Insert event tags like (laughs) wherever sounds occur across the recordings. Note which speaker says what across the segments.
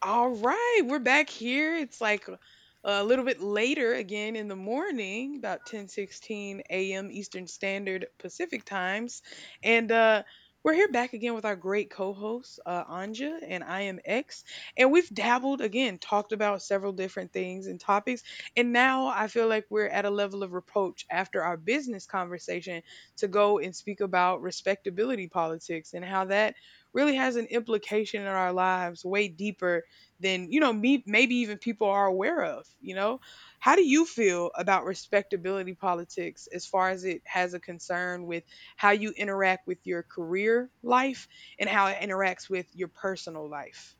Speaker 1: All right, we're back here. It's like a little bit later again in the morning, about 10:16 a.m. Eastern Standard Pacific Times. And we're here back again with our great co-host Anja, and I am X, and we've dabbled again, talked about several different things and topics, and now I feel like we're at a level of reproach after our business conversation to go and speak about respectability politics and how that really has an implication in our lives way deeper than me, maybe even people are aware of. How do you feel about respectability politics as far as it has a concern with how you interact with your career life and how it interacts with your personal life?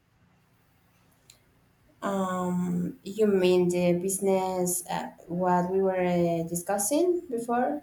Speaker 2: You mean the business what we were discussing before?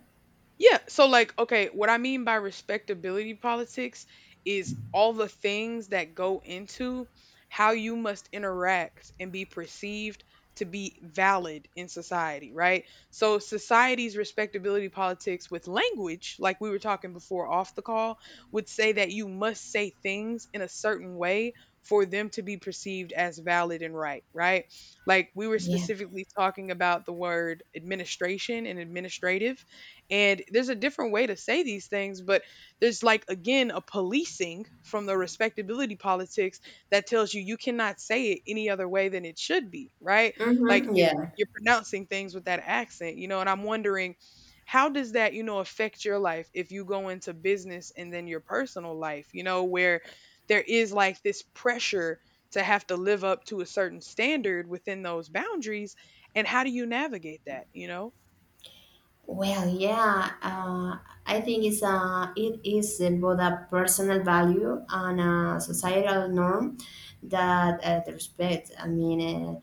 Speaker 1: Yeah. So, like, okay, what I mean by respectability politics is all the things that go into how you must interact and be perceived to be valid in society, right? So society's respectability politics with language, like we were talking before off the call, would say that you must say things in a certain way for them to be perceived as valid and right, right? Like, we were
Speaker 2: Yeah.
Speaker 1: specifically talking about the word administration and administrative, and there's a different way to say these things, but there's, like, again, a policing from the respectability politics that tells you you cannot say it any other way than it should be, right? Like,
Speaker 2: Mm-hmm.
Speaker 1: if
Speaker 2: Yeah.
Speaker 1: you're pronouncing things with that accent, you know, and I'm wondering how does that, you know, affect your life if you go into business and then your personal life, you know, where there is like this pressure to have to live up to a certain standard within those boundaries, and how do you navigate that, you know?
Speaker 2: Well, yeah. I think it is both a personal value and a societal norm that the respect. I mean,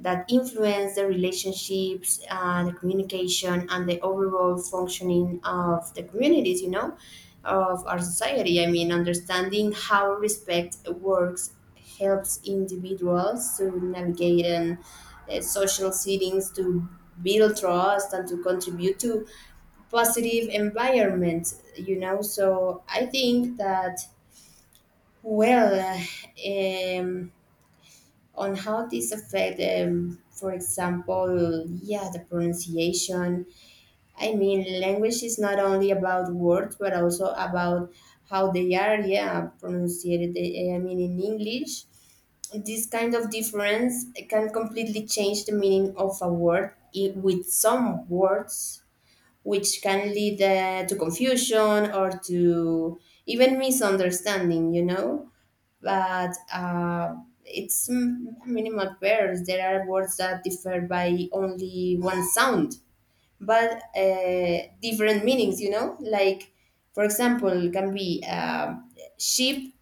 Speaker 2: that influence the relationships, the communication, and the overall functioning of the communities, you know, of our society. I mean, understanding how respect works helps individuals to navigate in social settings, to build trust, and to contribute to positive environment, you know. So I think that, well, um, on how this affect, for example, yeah, the pronunciation. I mean, language is not only about words, but also about how they are, yeah, pronounced. I mean, in English, this kind of difference can completely change the meaning of a word with some words, which can lead to confusion or to even misunderstanding, you know? But it's minimal pairs. There are words that differ by only one sound, but different meanings, you know? Like, for example, can be sheep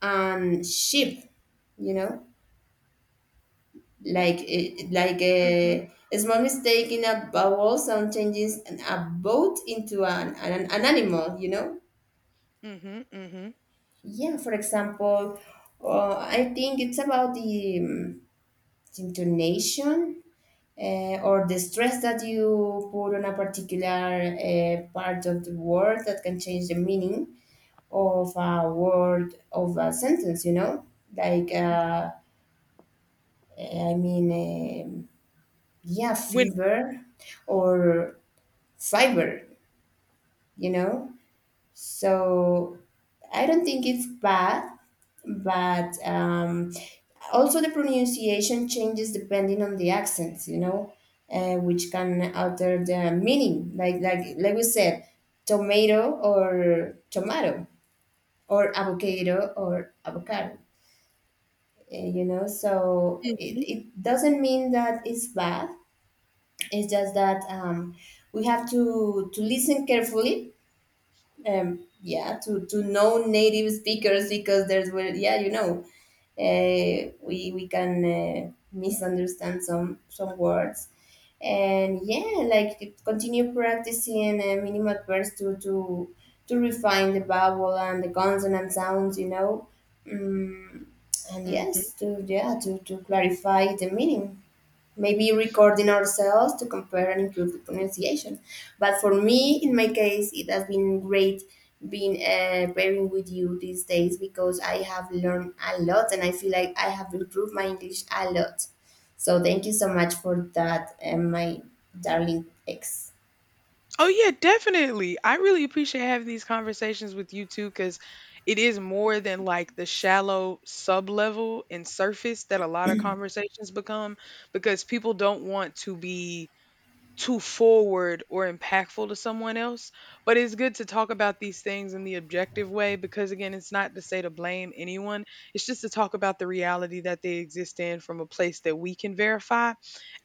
Speaker 2: and sheep, you know? Like, like
Speaker 1: Mhm.
Speaker 2: a small mistake in a vowel sound changes a boat into an animal, you know?
Speaker 1: Mhm. Mhm.
Speaker 2: Yeah, for example, I think it's about the intonation, to or the stress that you put on a particular part of the word that can change the meaning of a word of a sentence, you know? like uh, i mean um yeah,
Speaker 1: When
Speaker 2: fever or fiber, you know? So I don't think it's bad, but also the pronunciation changes depending on the accents, you know, which can alter the meaning. Like we said, tomato or tomato or avocado or avocado. You know, so
Speaker 1: Mhm,
Speaker 2: it doesn't mean that it's bad. It's just that we have to listen carefully, yeah, to non-native speakers because there's where, yeah, you know, we can misunderstand some words, and yeah, like continue practicing minimal verbs to refine the vowel and the consonant sounds, you know. mm, and
Speaker 1: mhm.
Speaker 2: yes to, yeah, to clarify the meaning, maybe recording ourselves to compare and improve the pronunciation. But for me, in my case, it has been great being pairing with you these days because I have learned a lot and I feel like I have improved my English a lot. So thank you so much for that, my darling ex.
Speaker 1: Oh, yeah, definitely. I really appreciate having these conversations with you too, because it is more than like the shallow sub-level and surface that a lot of conversations become because people don't want to be too forward or impactful to someone else. But it's good to talk about these things in the objective way because, again, it's not to say to blame anyone. It's just to talk about the reality that they exist in from a place that we can verify.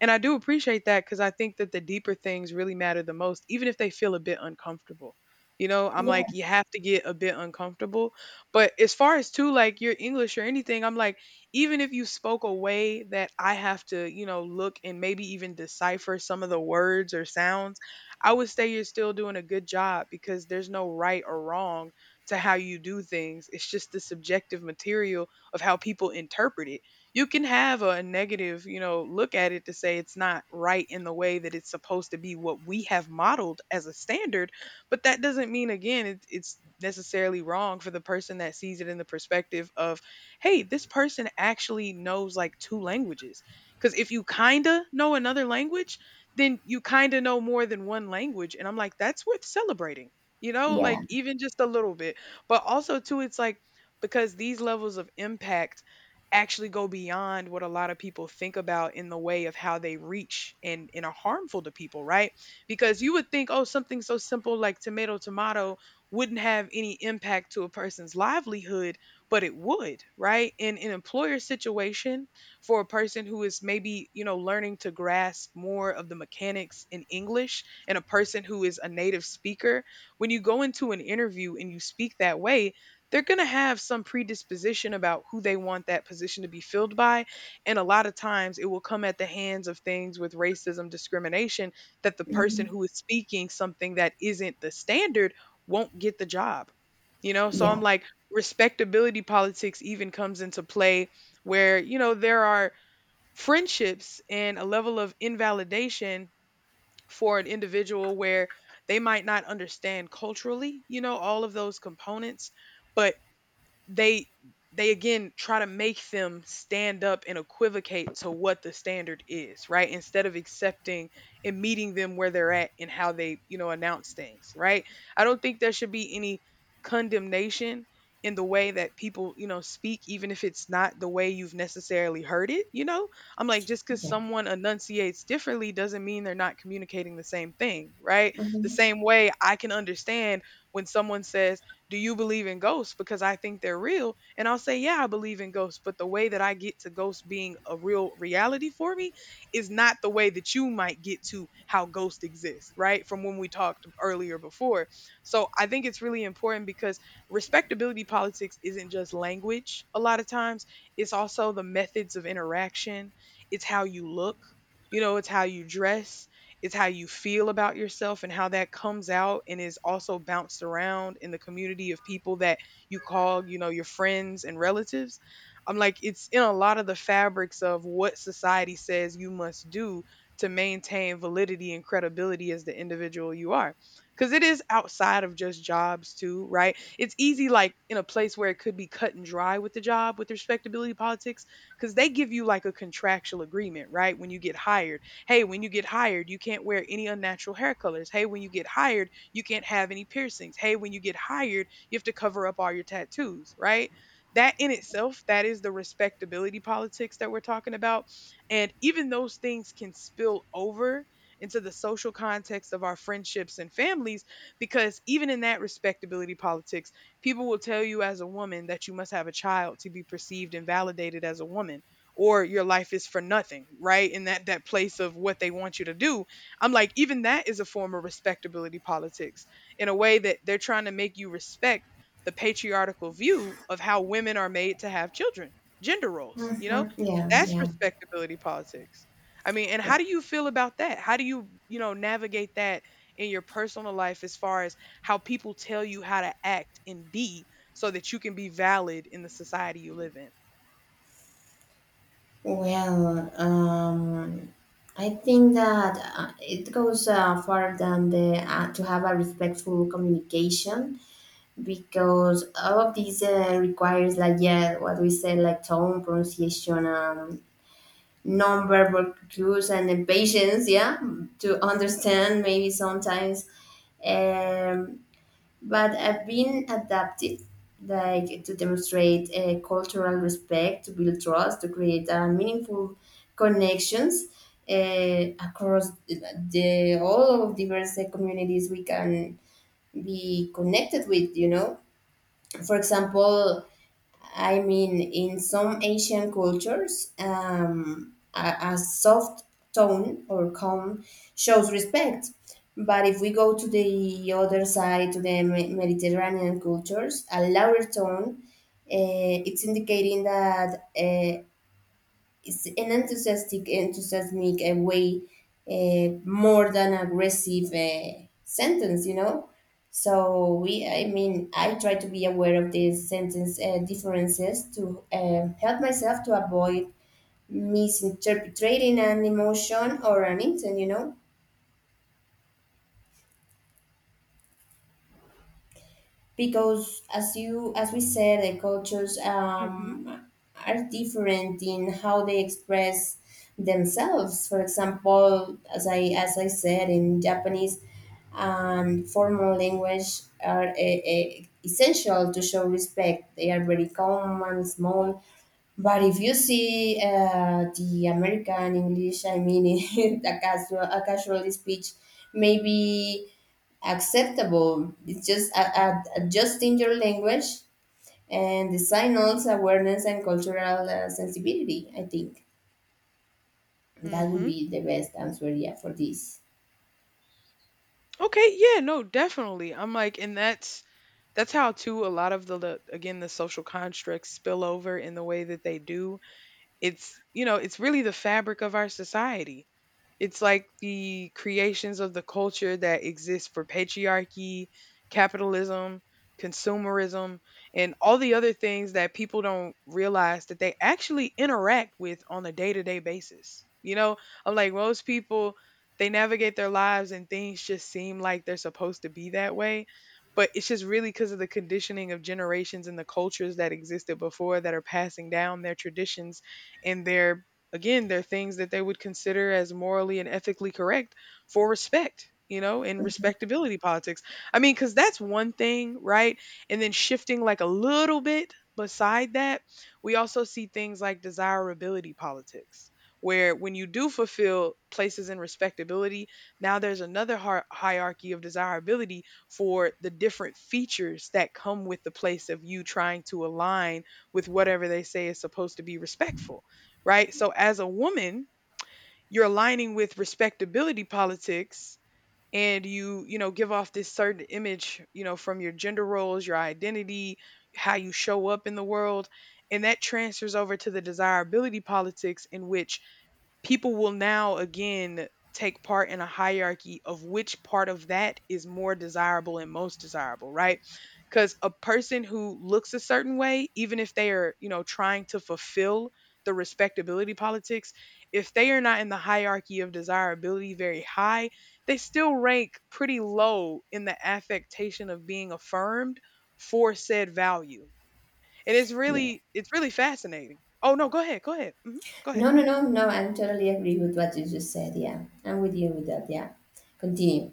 Speaker 1: And I do appreciate that because I think that the deeper things really matter the most, even if they feel a bit uncomfortable. You know, I'm
Speaker 2: Yeah,
Speaker 1: like, you have to get a bit uncomfortable. But as far as, too, like your English or anything, I'm like, even if you spoke a way that I have to, you know, look and maybe even decipher some of the words or sounds, I would say you're still doing a good job because there's no right or wrong to how you do things. It's just the subjective material of how people interpret it. You can have a negative, you know, look at it to say it's not right in the way that it's supposed to be what we have modeled as a standard, but that doesn't mean again it's necessarily wrong for the person that sees it in the perspective of hey, this person actually knows like two languages. Because if you kind of know another language, then you kind of know more than one language. And I'm like, that's worth celebrating, you know,
Speaker 2: yeah,
Speaker 1: like even just a little bit. But also, too, it's like because these levels of impact actually go beyond what a lot of people think about in the way of how they reach and are harmful to people, right? Because you would think, oh, something so simple like tomato, tomato wouldn't have any impact to a person's livelihood, but it would, right? In an employer situation for a person who is maybe, you know, learning to grasp more of the mechanics in English and a person who is a native speaker, when you go into an interview and you speak that way, they're going to have some predisposition about who they want that position to be filled by. And a lot of times it will come at the hands of things with racism, discrimination, that the person
Speaker 2: mhm,
Speaker 1: who is speaking something that isn't the standard won't get the job. You know, so
Speaker 2: yeah,
Speaker 1: I'm like, respectability politics even comes into play where you know there are friendships and a level of invalidation for an individual where they might not understand culturally you know all of those components, but they they again try to make them stand up and equivocate to what the standard is, right? Instead of accepting and meeting them where they're at and how they, you know, announce things, right? I don't think there should be any condemnation in the way that people, you know, speak, even if it's not the way you've necessarily heard it, you know? I'm like, just because
Speaker 2: yeah,
Speaker 1: someone enunciates differently doesn't mean they're not communicating the same thing, right? The
Speaker 2: mhm,
Speaker 1: same way I can understand when someone says, do you believe in ghosts? Because I think they're real. And I'll say, yeah, I believe in ghosts. But the way that I get to ghosts being a real reality for me is not the way that you might get to how ghosts exist, right? From when we talked earlier before. So I think it's really important because respectability politics isn't just language a lot of times, it's also the methods of interaction, it's how you look, you know, it's how you dress, it's how you feel about yourself and how that comes out and is also bounced around in the community of people that you call, you know, your friends and relatives. I'm like, it's in a lot of the fabrics of what society says you must do to maintain validity and credibility as the individual you are. Because it is outside of just jobs, too, right? It's easy, like in a place where it could be cut and dry with the job with respectability politics, because they give you like a contractual agreement, right? When you get hired, hey, when you get hired, you can't wear any unnatural hair colors. Hey, when you get hired, you can't have any piercings. Hey, when you get hired, you have to cover up all your tattoos, right? That in itself, that is the respectability politics that we're talking about. And even those things can spill over into the social context of our friendships and families because even in that respectability politics, people will tell you as a woman that you must have a child to be perceived and validated as a woman or your life is for nothing, right? In that place of what they want you to do. I'm like, even that is a form of respectability politics in a way that they're trying to make you respect the patriarchal view of how women are made to have children, gender roles, you know?
Speaker 2: mhm, yeah,
Speaker 1: That's
Speaker 2: yeah,
Speaker 1: respectability politics. I mean, and how
Speaker 2: yeah.
Speaker 1: do you feel about that? How do you, you know, navigate that in your personal life as far as how people tell you how to act and be so that you can be valid in the society you live in.
Speaker 2: Well, I think that it goes far than the to have a respectful communication because all of these requires, like, yeah, what we say, like tone, pronunciation, non-verbal cues, and the patience, yeah, to understand maybe sometimes. Um, but have been adapted, like to demonstrate a cultural respect, to build trust, to create meaningful connections uh, across the all of diverse communities we can be connected with. You know, for example, I mean, in some Asian cultures, a soft tone or calm shows respect. But if we go to the other side, to the Mediterranean cultures, a louder tone, it's indicating that it's an enthusiastic way, more than aggressive sentence, you know. So we, I mean, I try to be aware of these sentence differences to help myself to avoid misinterpreting an emotion or an intent, you know. Because as we said, the cultures,
Speaker 1: Mhm.
Speaker 2: are different in how they express themselves. For example, as I as I said, in Japanese and formal language are essential to show respect. They are very calm and small, but if you see the American English, I mean (laughs) a casual speech maybe acceptable. It's just adjusting your language and the signals, awareness, and cultural sensibility. I think that would
Speaker 1: Mhm.
Speaker 2: be the best answer, yeah, for this.
Speaker 1: Okay, yeah, no, definitely. I'm like, and that's how too a lot of the again the social constructs spill over in the way that they do. It's you know, it's really the fabric of our society. It's like the creations of the culture that exists for patriarchy, capitalism, consumerism, and all the other things that people don't realize that they actually interact with on a day to day basis. You know, I'm like most people, they navigate their lives and things just seem like they're supposed to be that way. But it's just really because of the conditioning of generations and the cultures that existed before that are passing down their traditions and their— again, they're things that they would consider as morally and ethically correct for respect, you know, and respectability politics. I mean, because that's one thing, right? And then shifting like a little bit beside that, we also see things like desirability politics, where when you do fulfill places in respectability, now there's another hierarchy of desirability for the different features that come with the place of you trying to align with whatever they say is supposed to be respectful, right? So as a woman, you're aligning with respectability politics and you know, give off this certain image, you know, from your gender roles, your identity, how you show up in the world, and that transfers over to the desirability politics in which people will now again take part in a hierarchy of which part of that is more desirable and most desirable, right? Because a person who looks a certain way, even if they are, you know, trying to fulfill the respectability politics, if they are not in the hierarchy of desirability very high, they still rank pretty low in the affectation of being affirmed for said value. And
Speaker 2: Yeah.
Speaker 1: it's really fascinating. Oh no, go ahead, hmm, go ahead.
Speaker 2: No. I totally agree with what you just said. Yeah, I'm with you with that. Yeah. Continue.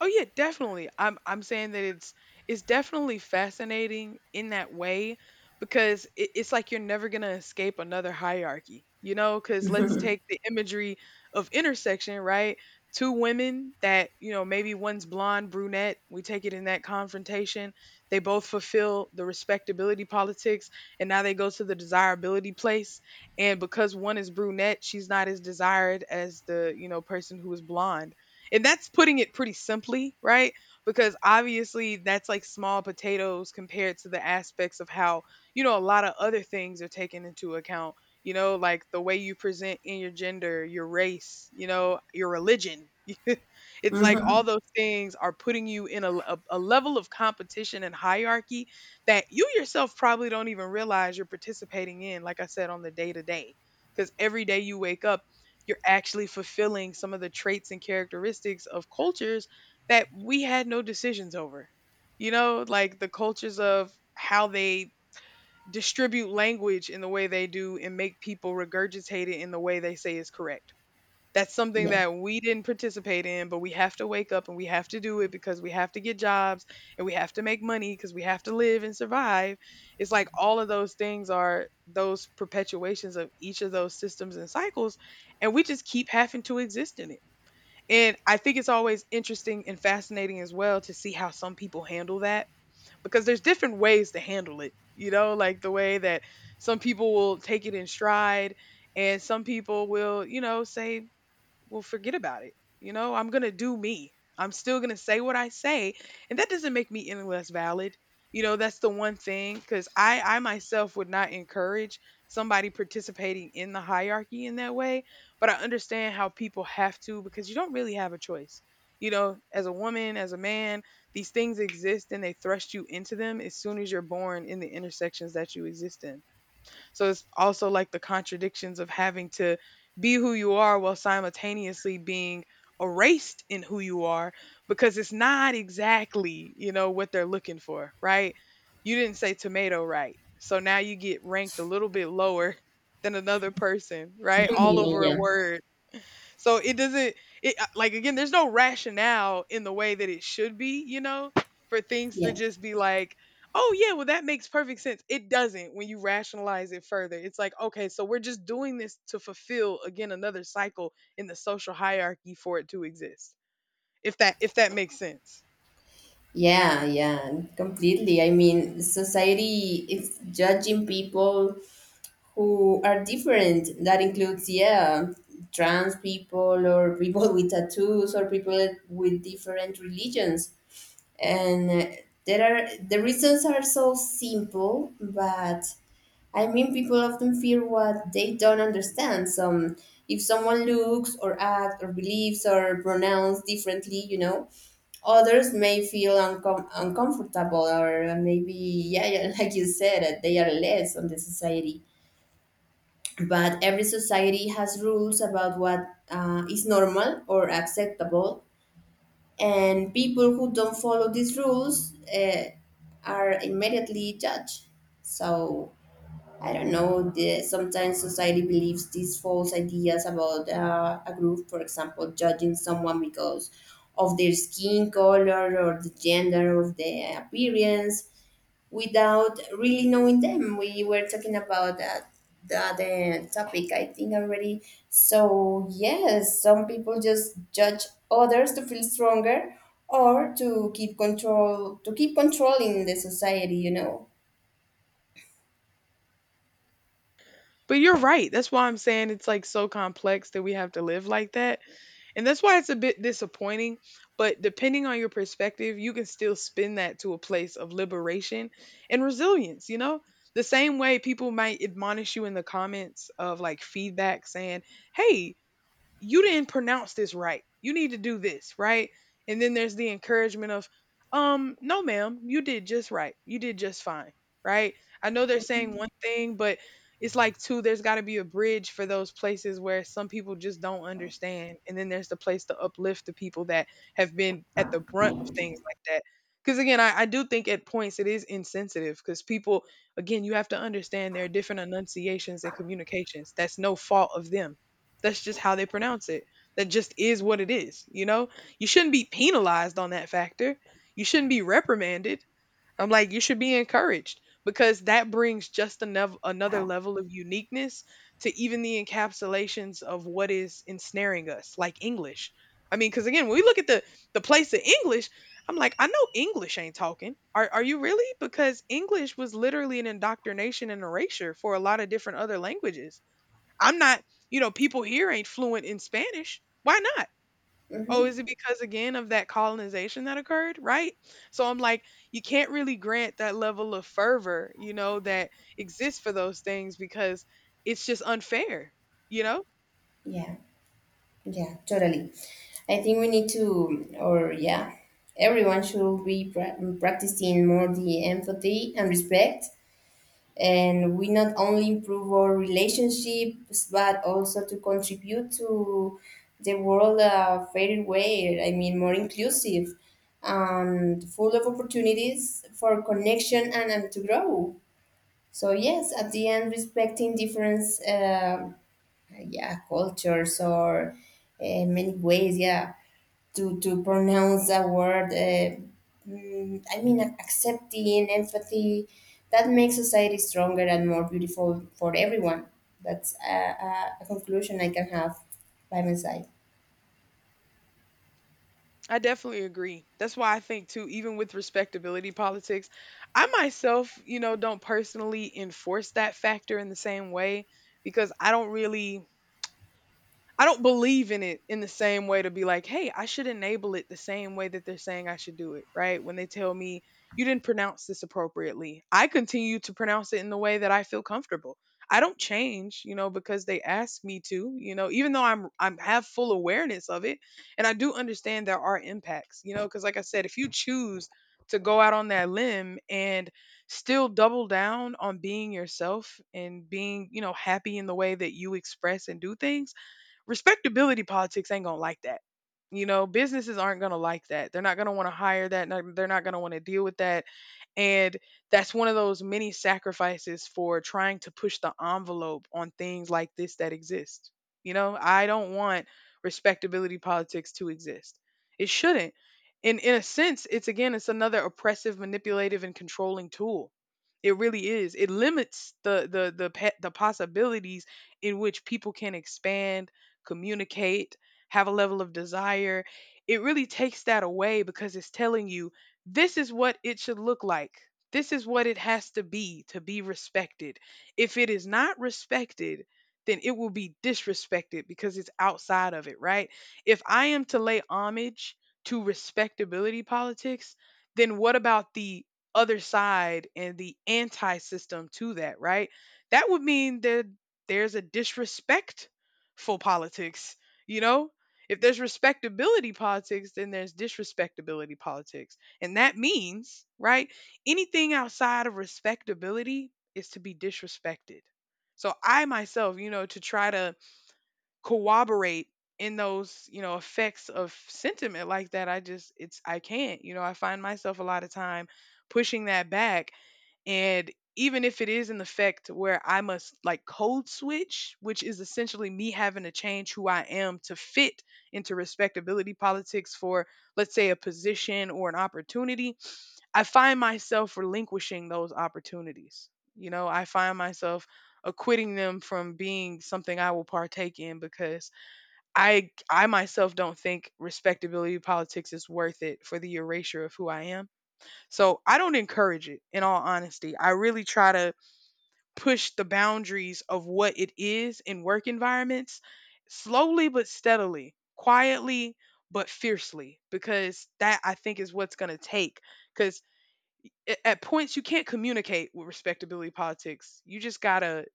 Speaker 1: Oh yeah, definitely. I'm saying that it's definitely fascinating in that way because it's like you're never gonna escape another hierarchy, you know? Because let's take
Speaker 2: (laughs)
Speaker 1: the imagery of intersection, right? Two women that you know maybe one's blonde, brunette. We take it in that confrontation. They both fulfill the respectability politics, and now they go to the desirability place. And because one is brunette, she's not as desired as the you know person who is blonde, and that's putting it pretty simply, right? Because obviously that's like small potatoes compared to the aspects of how, you know, a lot of other things are taken into account, you know, like the way you present in your gender, your race, you know, your religion. (laughs) It's like all
Speaker 2: Mhm.
Speaker 1: those things are putting you in a level of competition and hierarchy that you yourself probably don't even realize you're participating in, like I said, on the day to day. Because every day you wake up, you're actually fulfilling some of the traits and characteristics of cultures that we had no decisions over. You know, like the cultures of how they distribute language in the way they do and make people regurgitate it in the way they say is correct. That's something
Speaker 2: Yeah.
Speaker 1: that we didn't participate in, but we have to wake up and we have to do it because we have to get jobs and we have to make money because we have to live and survive. It's like all of those things are those perpetuations of each of those systems and cycles, and we just keep having to exist in it. And I think it's always interesting and fascinating as well to see how some people handle that because there's different ways to handle it, you know, like the way that some people will take it in stride and some people will, you know, say, well, forget about it. You know, I'm going to do me. I'm still going to say what I say. And that doesn't make me any less valid. You know, that's the one thing because I myself would not encourage somebody participating in the hierarchy in that way. But I understand how people have to because you don't really have a choice. You know, as a woman, as a man, these things exist and they thrust you into them as soon as you're born in the intersections that you exist in. So it's also like the contradictions of having to be who you are while simultaneously being erased in who you are because it's not exactly, you know, what they're looking for, right? You didn't say tomato right. So now you get ranked a little bit lower (laughs) than another person, right?
Speaker 2: (laughs)
Speaker 1: All
Speaker 2: Yeah.
Speaker 1: over a
Speaker 2: Yeah.
Speaker 1: word. So it doesn't, it like again there's no rationale in the way that it should be, you know, for things to
Speaker 2: Yeah.
Speaker 1: just be like, "Oh yeah, well that makes perfect sense." It doesn't when you rationalize it further. It's like, "Okay, so we're just doing this to fulfill again another cycle in the social hierarchy for it to exist." If that makes sense.
Speaker 2: Yeah, yeah, completely. I mean, society is judging people who are different. That includes, yeah, trans people or people (laughs) with tattoos or people with different religions. And there are the reasons are so simple, but I mean, people often fear what they don't understand. So, if someone looks or acts or believes or pronounce differently, you know, others may feel uncomfortable, or maybe, yeah, yeah, (laughs) like you said, that they are less on the society. But every society has rules about what is normal or acceptable, and people who don't follow these rules are immediately judged. So I don't know, sometimes society believes these false ideas about a group, for example, judging someone because of their skin color or the gender of their appearance without really knowing them. We were talking about that the other topic, I think, already. So yes, some people just judge others to feel stronger or to keep control to keep controlling the society, you know.
Speaker 1: But you're right. That's why I'm saying it's like so complex that we have to live like that. And that's why it's a bit disappointing. But depending on your perspective, you can still spin that to a place of liberation and resilience, you know? The same way people might admonish you in the comments of like feedback saying, hey, you didn't pronounce this right. You need to do this, right? And then there's the encouragement of, no, ma'am, you did just right. You did just fine, right? I know they're saying one thing, but it's like two, there's got to be a bridge for those places where some people just don't understand. And then there's the place to uplift the people that have been at the brunt of things like that. Because again, I do think at points it is insensitive because people, again, you have to understand there are different enunciations and communications. That's no fault of them, that's just how they pronounce it. That just is what it is, you know? You shouldn't be penalized on that factor. You shouldn't be reprimanded. I'm like, you should be encouraged because that brings just another level of uniqueness to even the encapsulations of what is ensnaring us, like English. I mean, because again, when we look at the place of English, I'm like, I know English ain't talking. Are you really? Because English was literally an indoctrination and erasure for a lot of different other languages. I'm not, you know, people here ain't fluent in Spanish. Why not? Oh,
Speaker 2: Mm-hmm.
Speaker 1: is it because again of that colonization that occurred, right? So I'm like, you can't really grant that level of fervor, you know, that exists for those things because it's just unfair, you know?
Speaker 2: Yeah. Yeah, totally. I think we need to, or yeah, everyone should be practicing more the empathy and respect. And we not only improve our relationships, but also to contribute to the world a fairer way. I mean, more inclusive and full of opportunities for connection and to grow. So yes, at the end, respecting difference. Yeah, cultures or many ways, yeah, to pronounce a word, I mean, accepting empathy, that makes society stronger and more beautiful for everyone. That's a conclusion I can have by my side.
Speaker 1: I definitely agree. That's why I think too, even with respectability politics, I myself, you know, don't personally enforce that factor in the same way because I don't really, I don't believe in it in the same way to be like, hey, I should enable it the same way that they're saying I should do it, right? When they tell me you didn't pronounce this appropriately, I continue to pronounce it in the way that I feel comfortable. I don't change, you know, because they ask me to, you know, even though I'm have full awareness of it and I do understand there are impacts, you know, because like I said, if you choose to go out on that limb and still double down on being yourself and being, you know, happy in the way that you express and do things. Respectability politics ain't gonna like that. You know, businesses aren't gonna like that. They're not gonna want to hire that. They're not gonna want to deal with that. And that's one of those many sacrifices for trying to push the envelope on things like this that exist. You know, I don't want respectability politics to exist. It shouldn't. In a sense, it's again, it's another oppressive, manipulative, and controlling tool. It really is. It limits the the possibilities in which people can expand, communicate, have a level of desire, it really takes that away because it's telling you this is what it should look like. This is what it has to be respected. If it is not respected, then it will be disrespected because it's outside of it, right? If I am to lay homage to respectability politics, then what about the other side and the anti system to that, right? That would mean that there's a disrespect for politics, you know? If there's respectability politics, then there's disrespectability politics. And that means, right, anything outside of respectability is to be disrespected. So I myself, you know, to try to corroborate in those, you know, effects of sentiment like that, I just, it's, I can't, you know, I find myself a lot of time pushing that back, and even if it is an effect where I must like code switch, which is essentially me having to change who I am to fit into respectability politics for, let's say, a position or an opportunity, I find myself relinquishing those opportunities. You know, I find myself acquitting them from being something I will partake in because I myself don't think respectability politics is worth it for the erasure of who I am. So I don't encourage it in all honesty. I really try to push the boundaries of what it is in work environments, slowly but steadily, quietly but fiercely, because that I think is what's going to take. Because at points you can't communicate with respectability politics. You just got to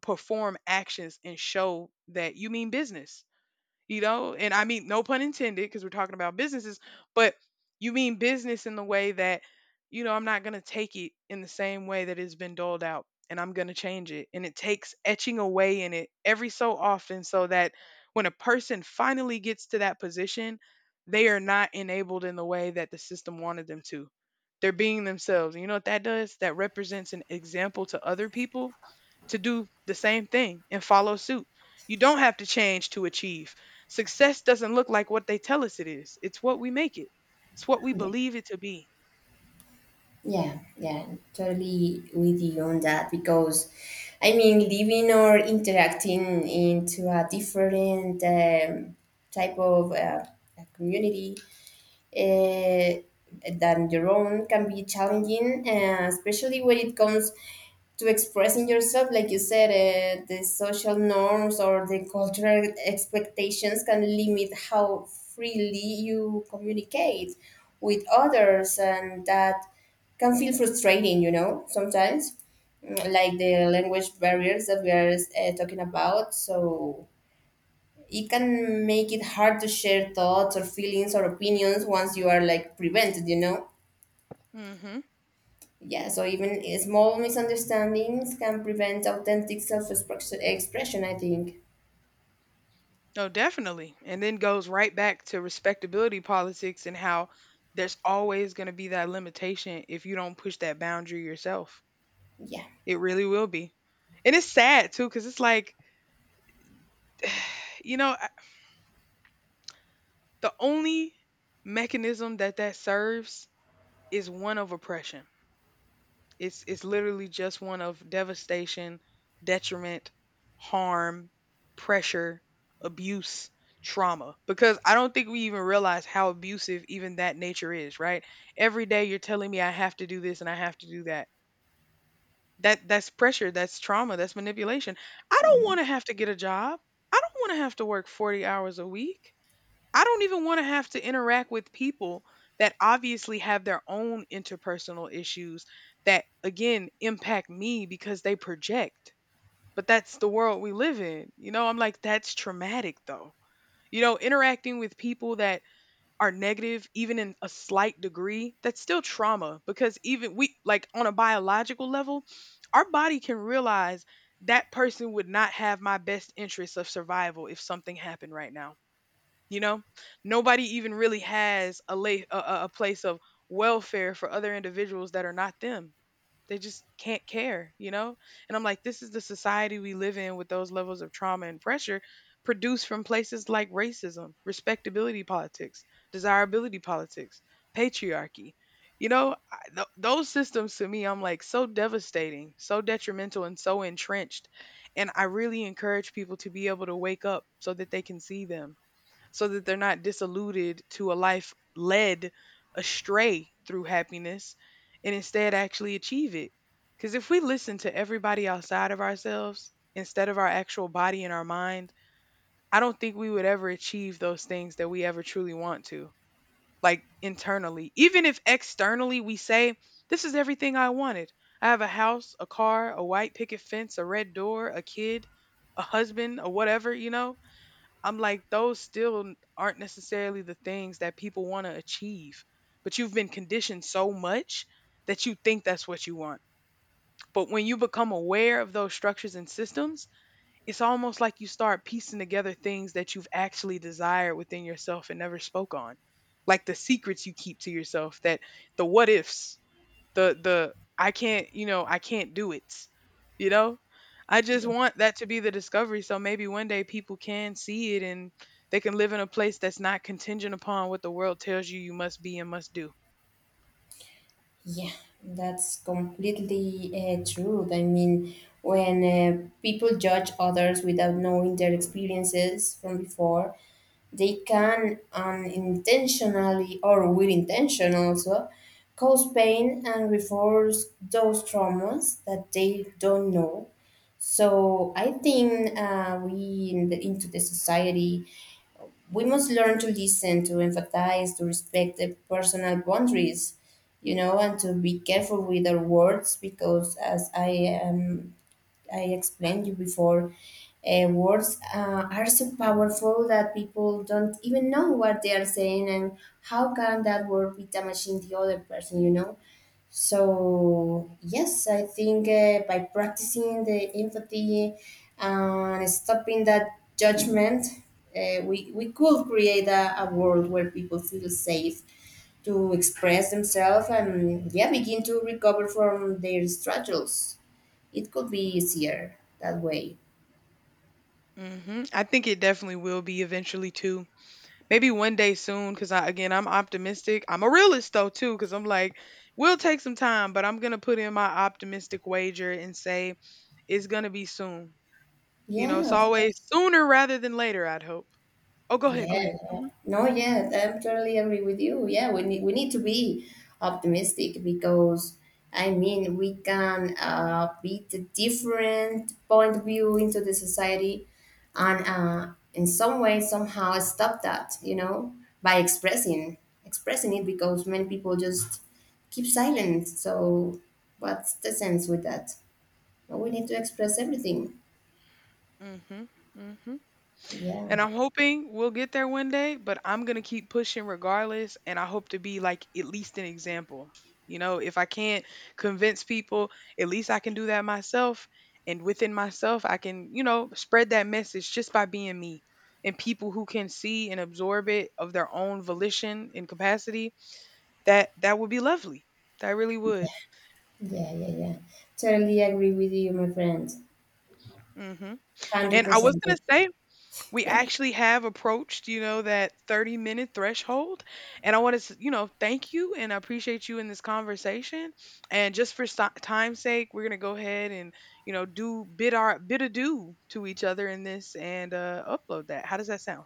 Speaker 1: perform actions and show that you mean business, you know, and I mean no pun intended because we're talking about businesses, but you mean business in the way that, you know, I'm not going to take it in the same way that it's been doled out, and I'm going to change it, and it takes etching away in it every so often so that when a person finally gets to that position, they are not enabled in the way that the system wanted them to. They're being themselves, and you know what that does, that represents an example to other people to do the same thing and follow suit. You don't have to change to achieve. Success doesn't look like what they tell us it is. It's what we make it. It's what we
Speaker 2: Yeah,
Speaker 1: believe it to be.
Speaker 2: yeah, yeah, totally with you on that because I mean living or interacting into a different type of community uh, than your own can be challenging, especially when it comes to expressing yourself. Like you said, the social norms or the cultural expectations can limit how freely you communicate with others, and that can feel frustrating, you know, sometimes. Mm, like the language barriers that we are talking about. So, it can make it hard to share thoughts or feelings or opinions once you are like prevented, you know.
Speaker 1: Mm-hmm.
Speaker 2: Yeah, so even small misunderstandings can prevent authentic self-expression, I think.
Speaker 1: Oh, definitely. And then goes right back to respectability politics and how there's always going to be that limitation if you don't push that boundary yourself.
Speaker 2: Yeah,
Speaker 1: It really will be. And it's sad too, because it's like, you know, I- the only mechanism that that serves is one of oppression. It's literally just one of devastation, detriment, harm, pressure, abuse, trauma. Because I don't think we even realize how abusive even that nature is, right? Every day you're telling me I have to do this and I have to do that. That's pressure, that's trauma, that's manipulation. I don't want to have to get a job. I don't want to have to work 40 hours a week. I don't even want to have to interact with people that obviously have their own interpersonal issues that again impact me because they project. But that's the world we live in. You know, I'm like, that's traumatic though. You know, interacting with people that are negative, even in a slight degree, that's still trauma because even we, like on a biological level, our body can realize that person would not have my best interests of survival if something happened right now. You know, nobody even really has a lay a place of welfare for other individuals that are not them. They just can't care, you know. And I'm like, this is the society we live in, with those levels of trauma and pressure produced from places like racism, respectability politics, desirability politics, patriarchy. Those systems to me, I'm like, so devastating, so detrimental, and so entrenched. And I really encourage people to be able to wake up so that they can see them, so that they're not disillusioned to a life led astray through happiness, and instead actually achieve it. Because if we listen to everybody outside of ourselves instead of our actual body and our mind, I don't think we would ever achieve those things that we ever truly want to, like internally. Even if externally we say, this is everything I wanted. I have a house, a car, a white picket fence, a red door, a kid, a husband, or whatever, you know? I'm like, those still aren't necessarily the things that people want to achieve. But you've been conditioned so much that you think that's what you want. But when you become aware of those structures and systems, it's almost like you start piecing together things that you've actually desired within yourself and never spoke on. Like the secrets you keep to yourself, that, the what ifs, the I can't, you know, I can't do it. You know? I just
Speaker 2: yeah,
Speaker 1: want that to be the discovery so maybe one day people can see it and they can live in a place that's not contingent upon what the world tells you you must be and must do.
Speaker 2: yeah, that's completely true. I mean, when people judge others without knowing their experiences from before, they can unintentionally or with intention also cause pain and reinforce those traumas that they don't know. So I think we in the, into the society, we must learn to listen, to empathize, to respect the personal boundaries, you know, and to be careful with our words, because as am I explained you before, words are so powerful that people don't even know what they are saying, and how can that word be damaging the other person? You know. So yes, I think by practicing the empathy and stopping that judgment, we could create a world where people feel safe to express themselves and yeah begin to recover from their struggles. It could be easier that way.
Speaker 1: Hmm, I think it definitely will be eventually too. Maybe one day soon, because I, again, I'm optimistic. I'm a realist though too, because I'm like, we'll take some time, but I'm gonna put in my optimistic wager and say it's gonna be soon. You know,
Speaker 2: Yeah,
Speaker 1: it's
Speaker 2: of
Speaker 1: always
Speaker 2: course.
Speaker 1: sooner rather than later. I'd hope. Oh, go
Speaker 2: Yeah.
Speaker 1: ahead, go ahead.
Speaker 2: Yeah.
Speaker 1: Mhm.
Speaker 2: No, yeah, I totally agree with you. Yeah, we need to be optimistic because I mean we can beat the different point of view into the society and in some way somehow stop that, you know, by expressing it because many people just keep silent. So what's the sense with that? We need to express everything.
Speaker 1: Mhm, mhm.
Speaker 2: Yeah.
Speaker 1: And I'm hoping we'll get there one day, but I'm gonna keep pushing regardless, and I hope to be like at least an example. You know, if I can't convince people, at least I can do that myself, and within myself, I can, you know, spread that message just by being me. And people who can see and absorb it of their own volition and capacity, that would be lovely. That really would.
Speaker 2: Yeah, yeah, yeah. Totally agree with you, my friend.
Speaker 1: Mhm. And I was
Speaker 2: 100%.
Speaker 1: gonna say, we
Speaker 2: Yeah,
Speaker 1: actually have approached, you know, that 30-minute threshold. And I want to, you know, thank you and I appreciate you in this conversation. And just for time's sake, we're going to go ahead and, you know, do bid adieu to each other in this and upload that. How does that sound?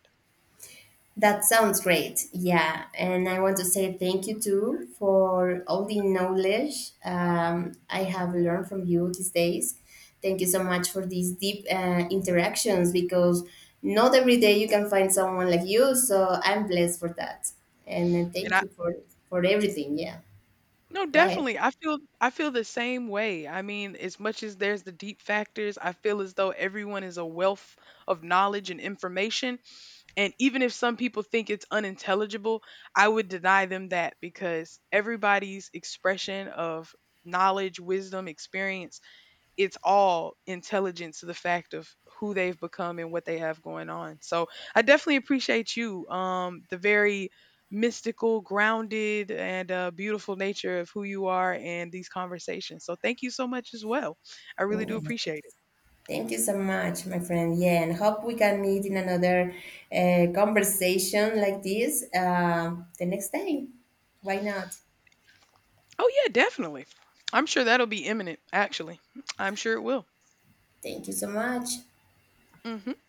Speaker 2: that sounds great. Yeah, and I want to say thank you too for all the knowledge, I have learned from you these days. Thank you so much for these deep interactions because not every day you can find someone like you. So I'm blessed for that. And
Speaker 1: And
Speaker 2: thank
Speaker 1: I,
Speaker 2: you for everything. Yeah,
Speaker 1: no,
Speaker 2: go ahead.
Speaker 1: definitely. I feel the same way. I mean, as much as there's the deep factors, I feel as though everyone is a wealth of knowledge and information. And even if some people think it's unintelligible, I would deny them that because everybody's expression of knowledge, wisdom, experience, it's all intelligence to the fact of who they've become and what they have going on. So I definitely appreciate you, the very mystical, grounded, and beautiful nature of who you are and these conversations. So thank you so much as well. I really do appreciate it.
Speaker 2: Thank you so much, my friend. Yeah, and hope we can meet in another conversation like this the next day. Why not?
Speaker 1: Oh, yeah, definitely. I'm sure that'll be imminent, actually. I'm sure it will.
Speaker 2: Thank you so much.
Speaker 1: Mhm.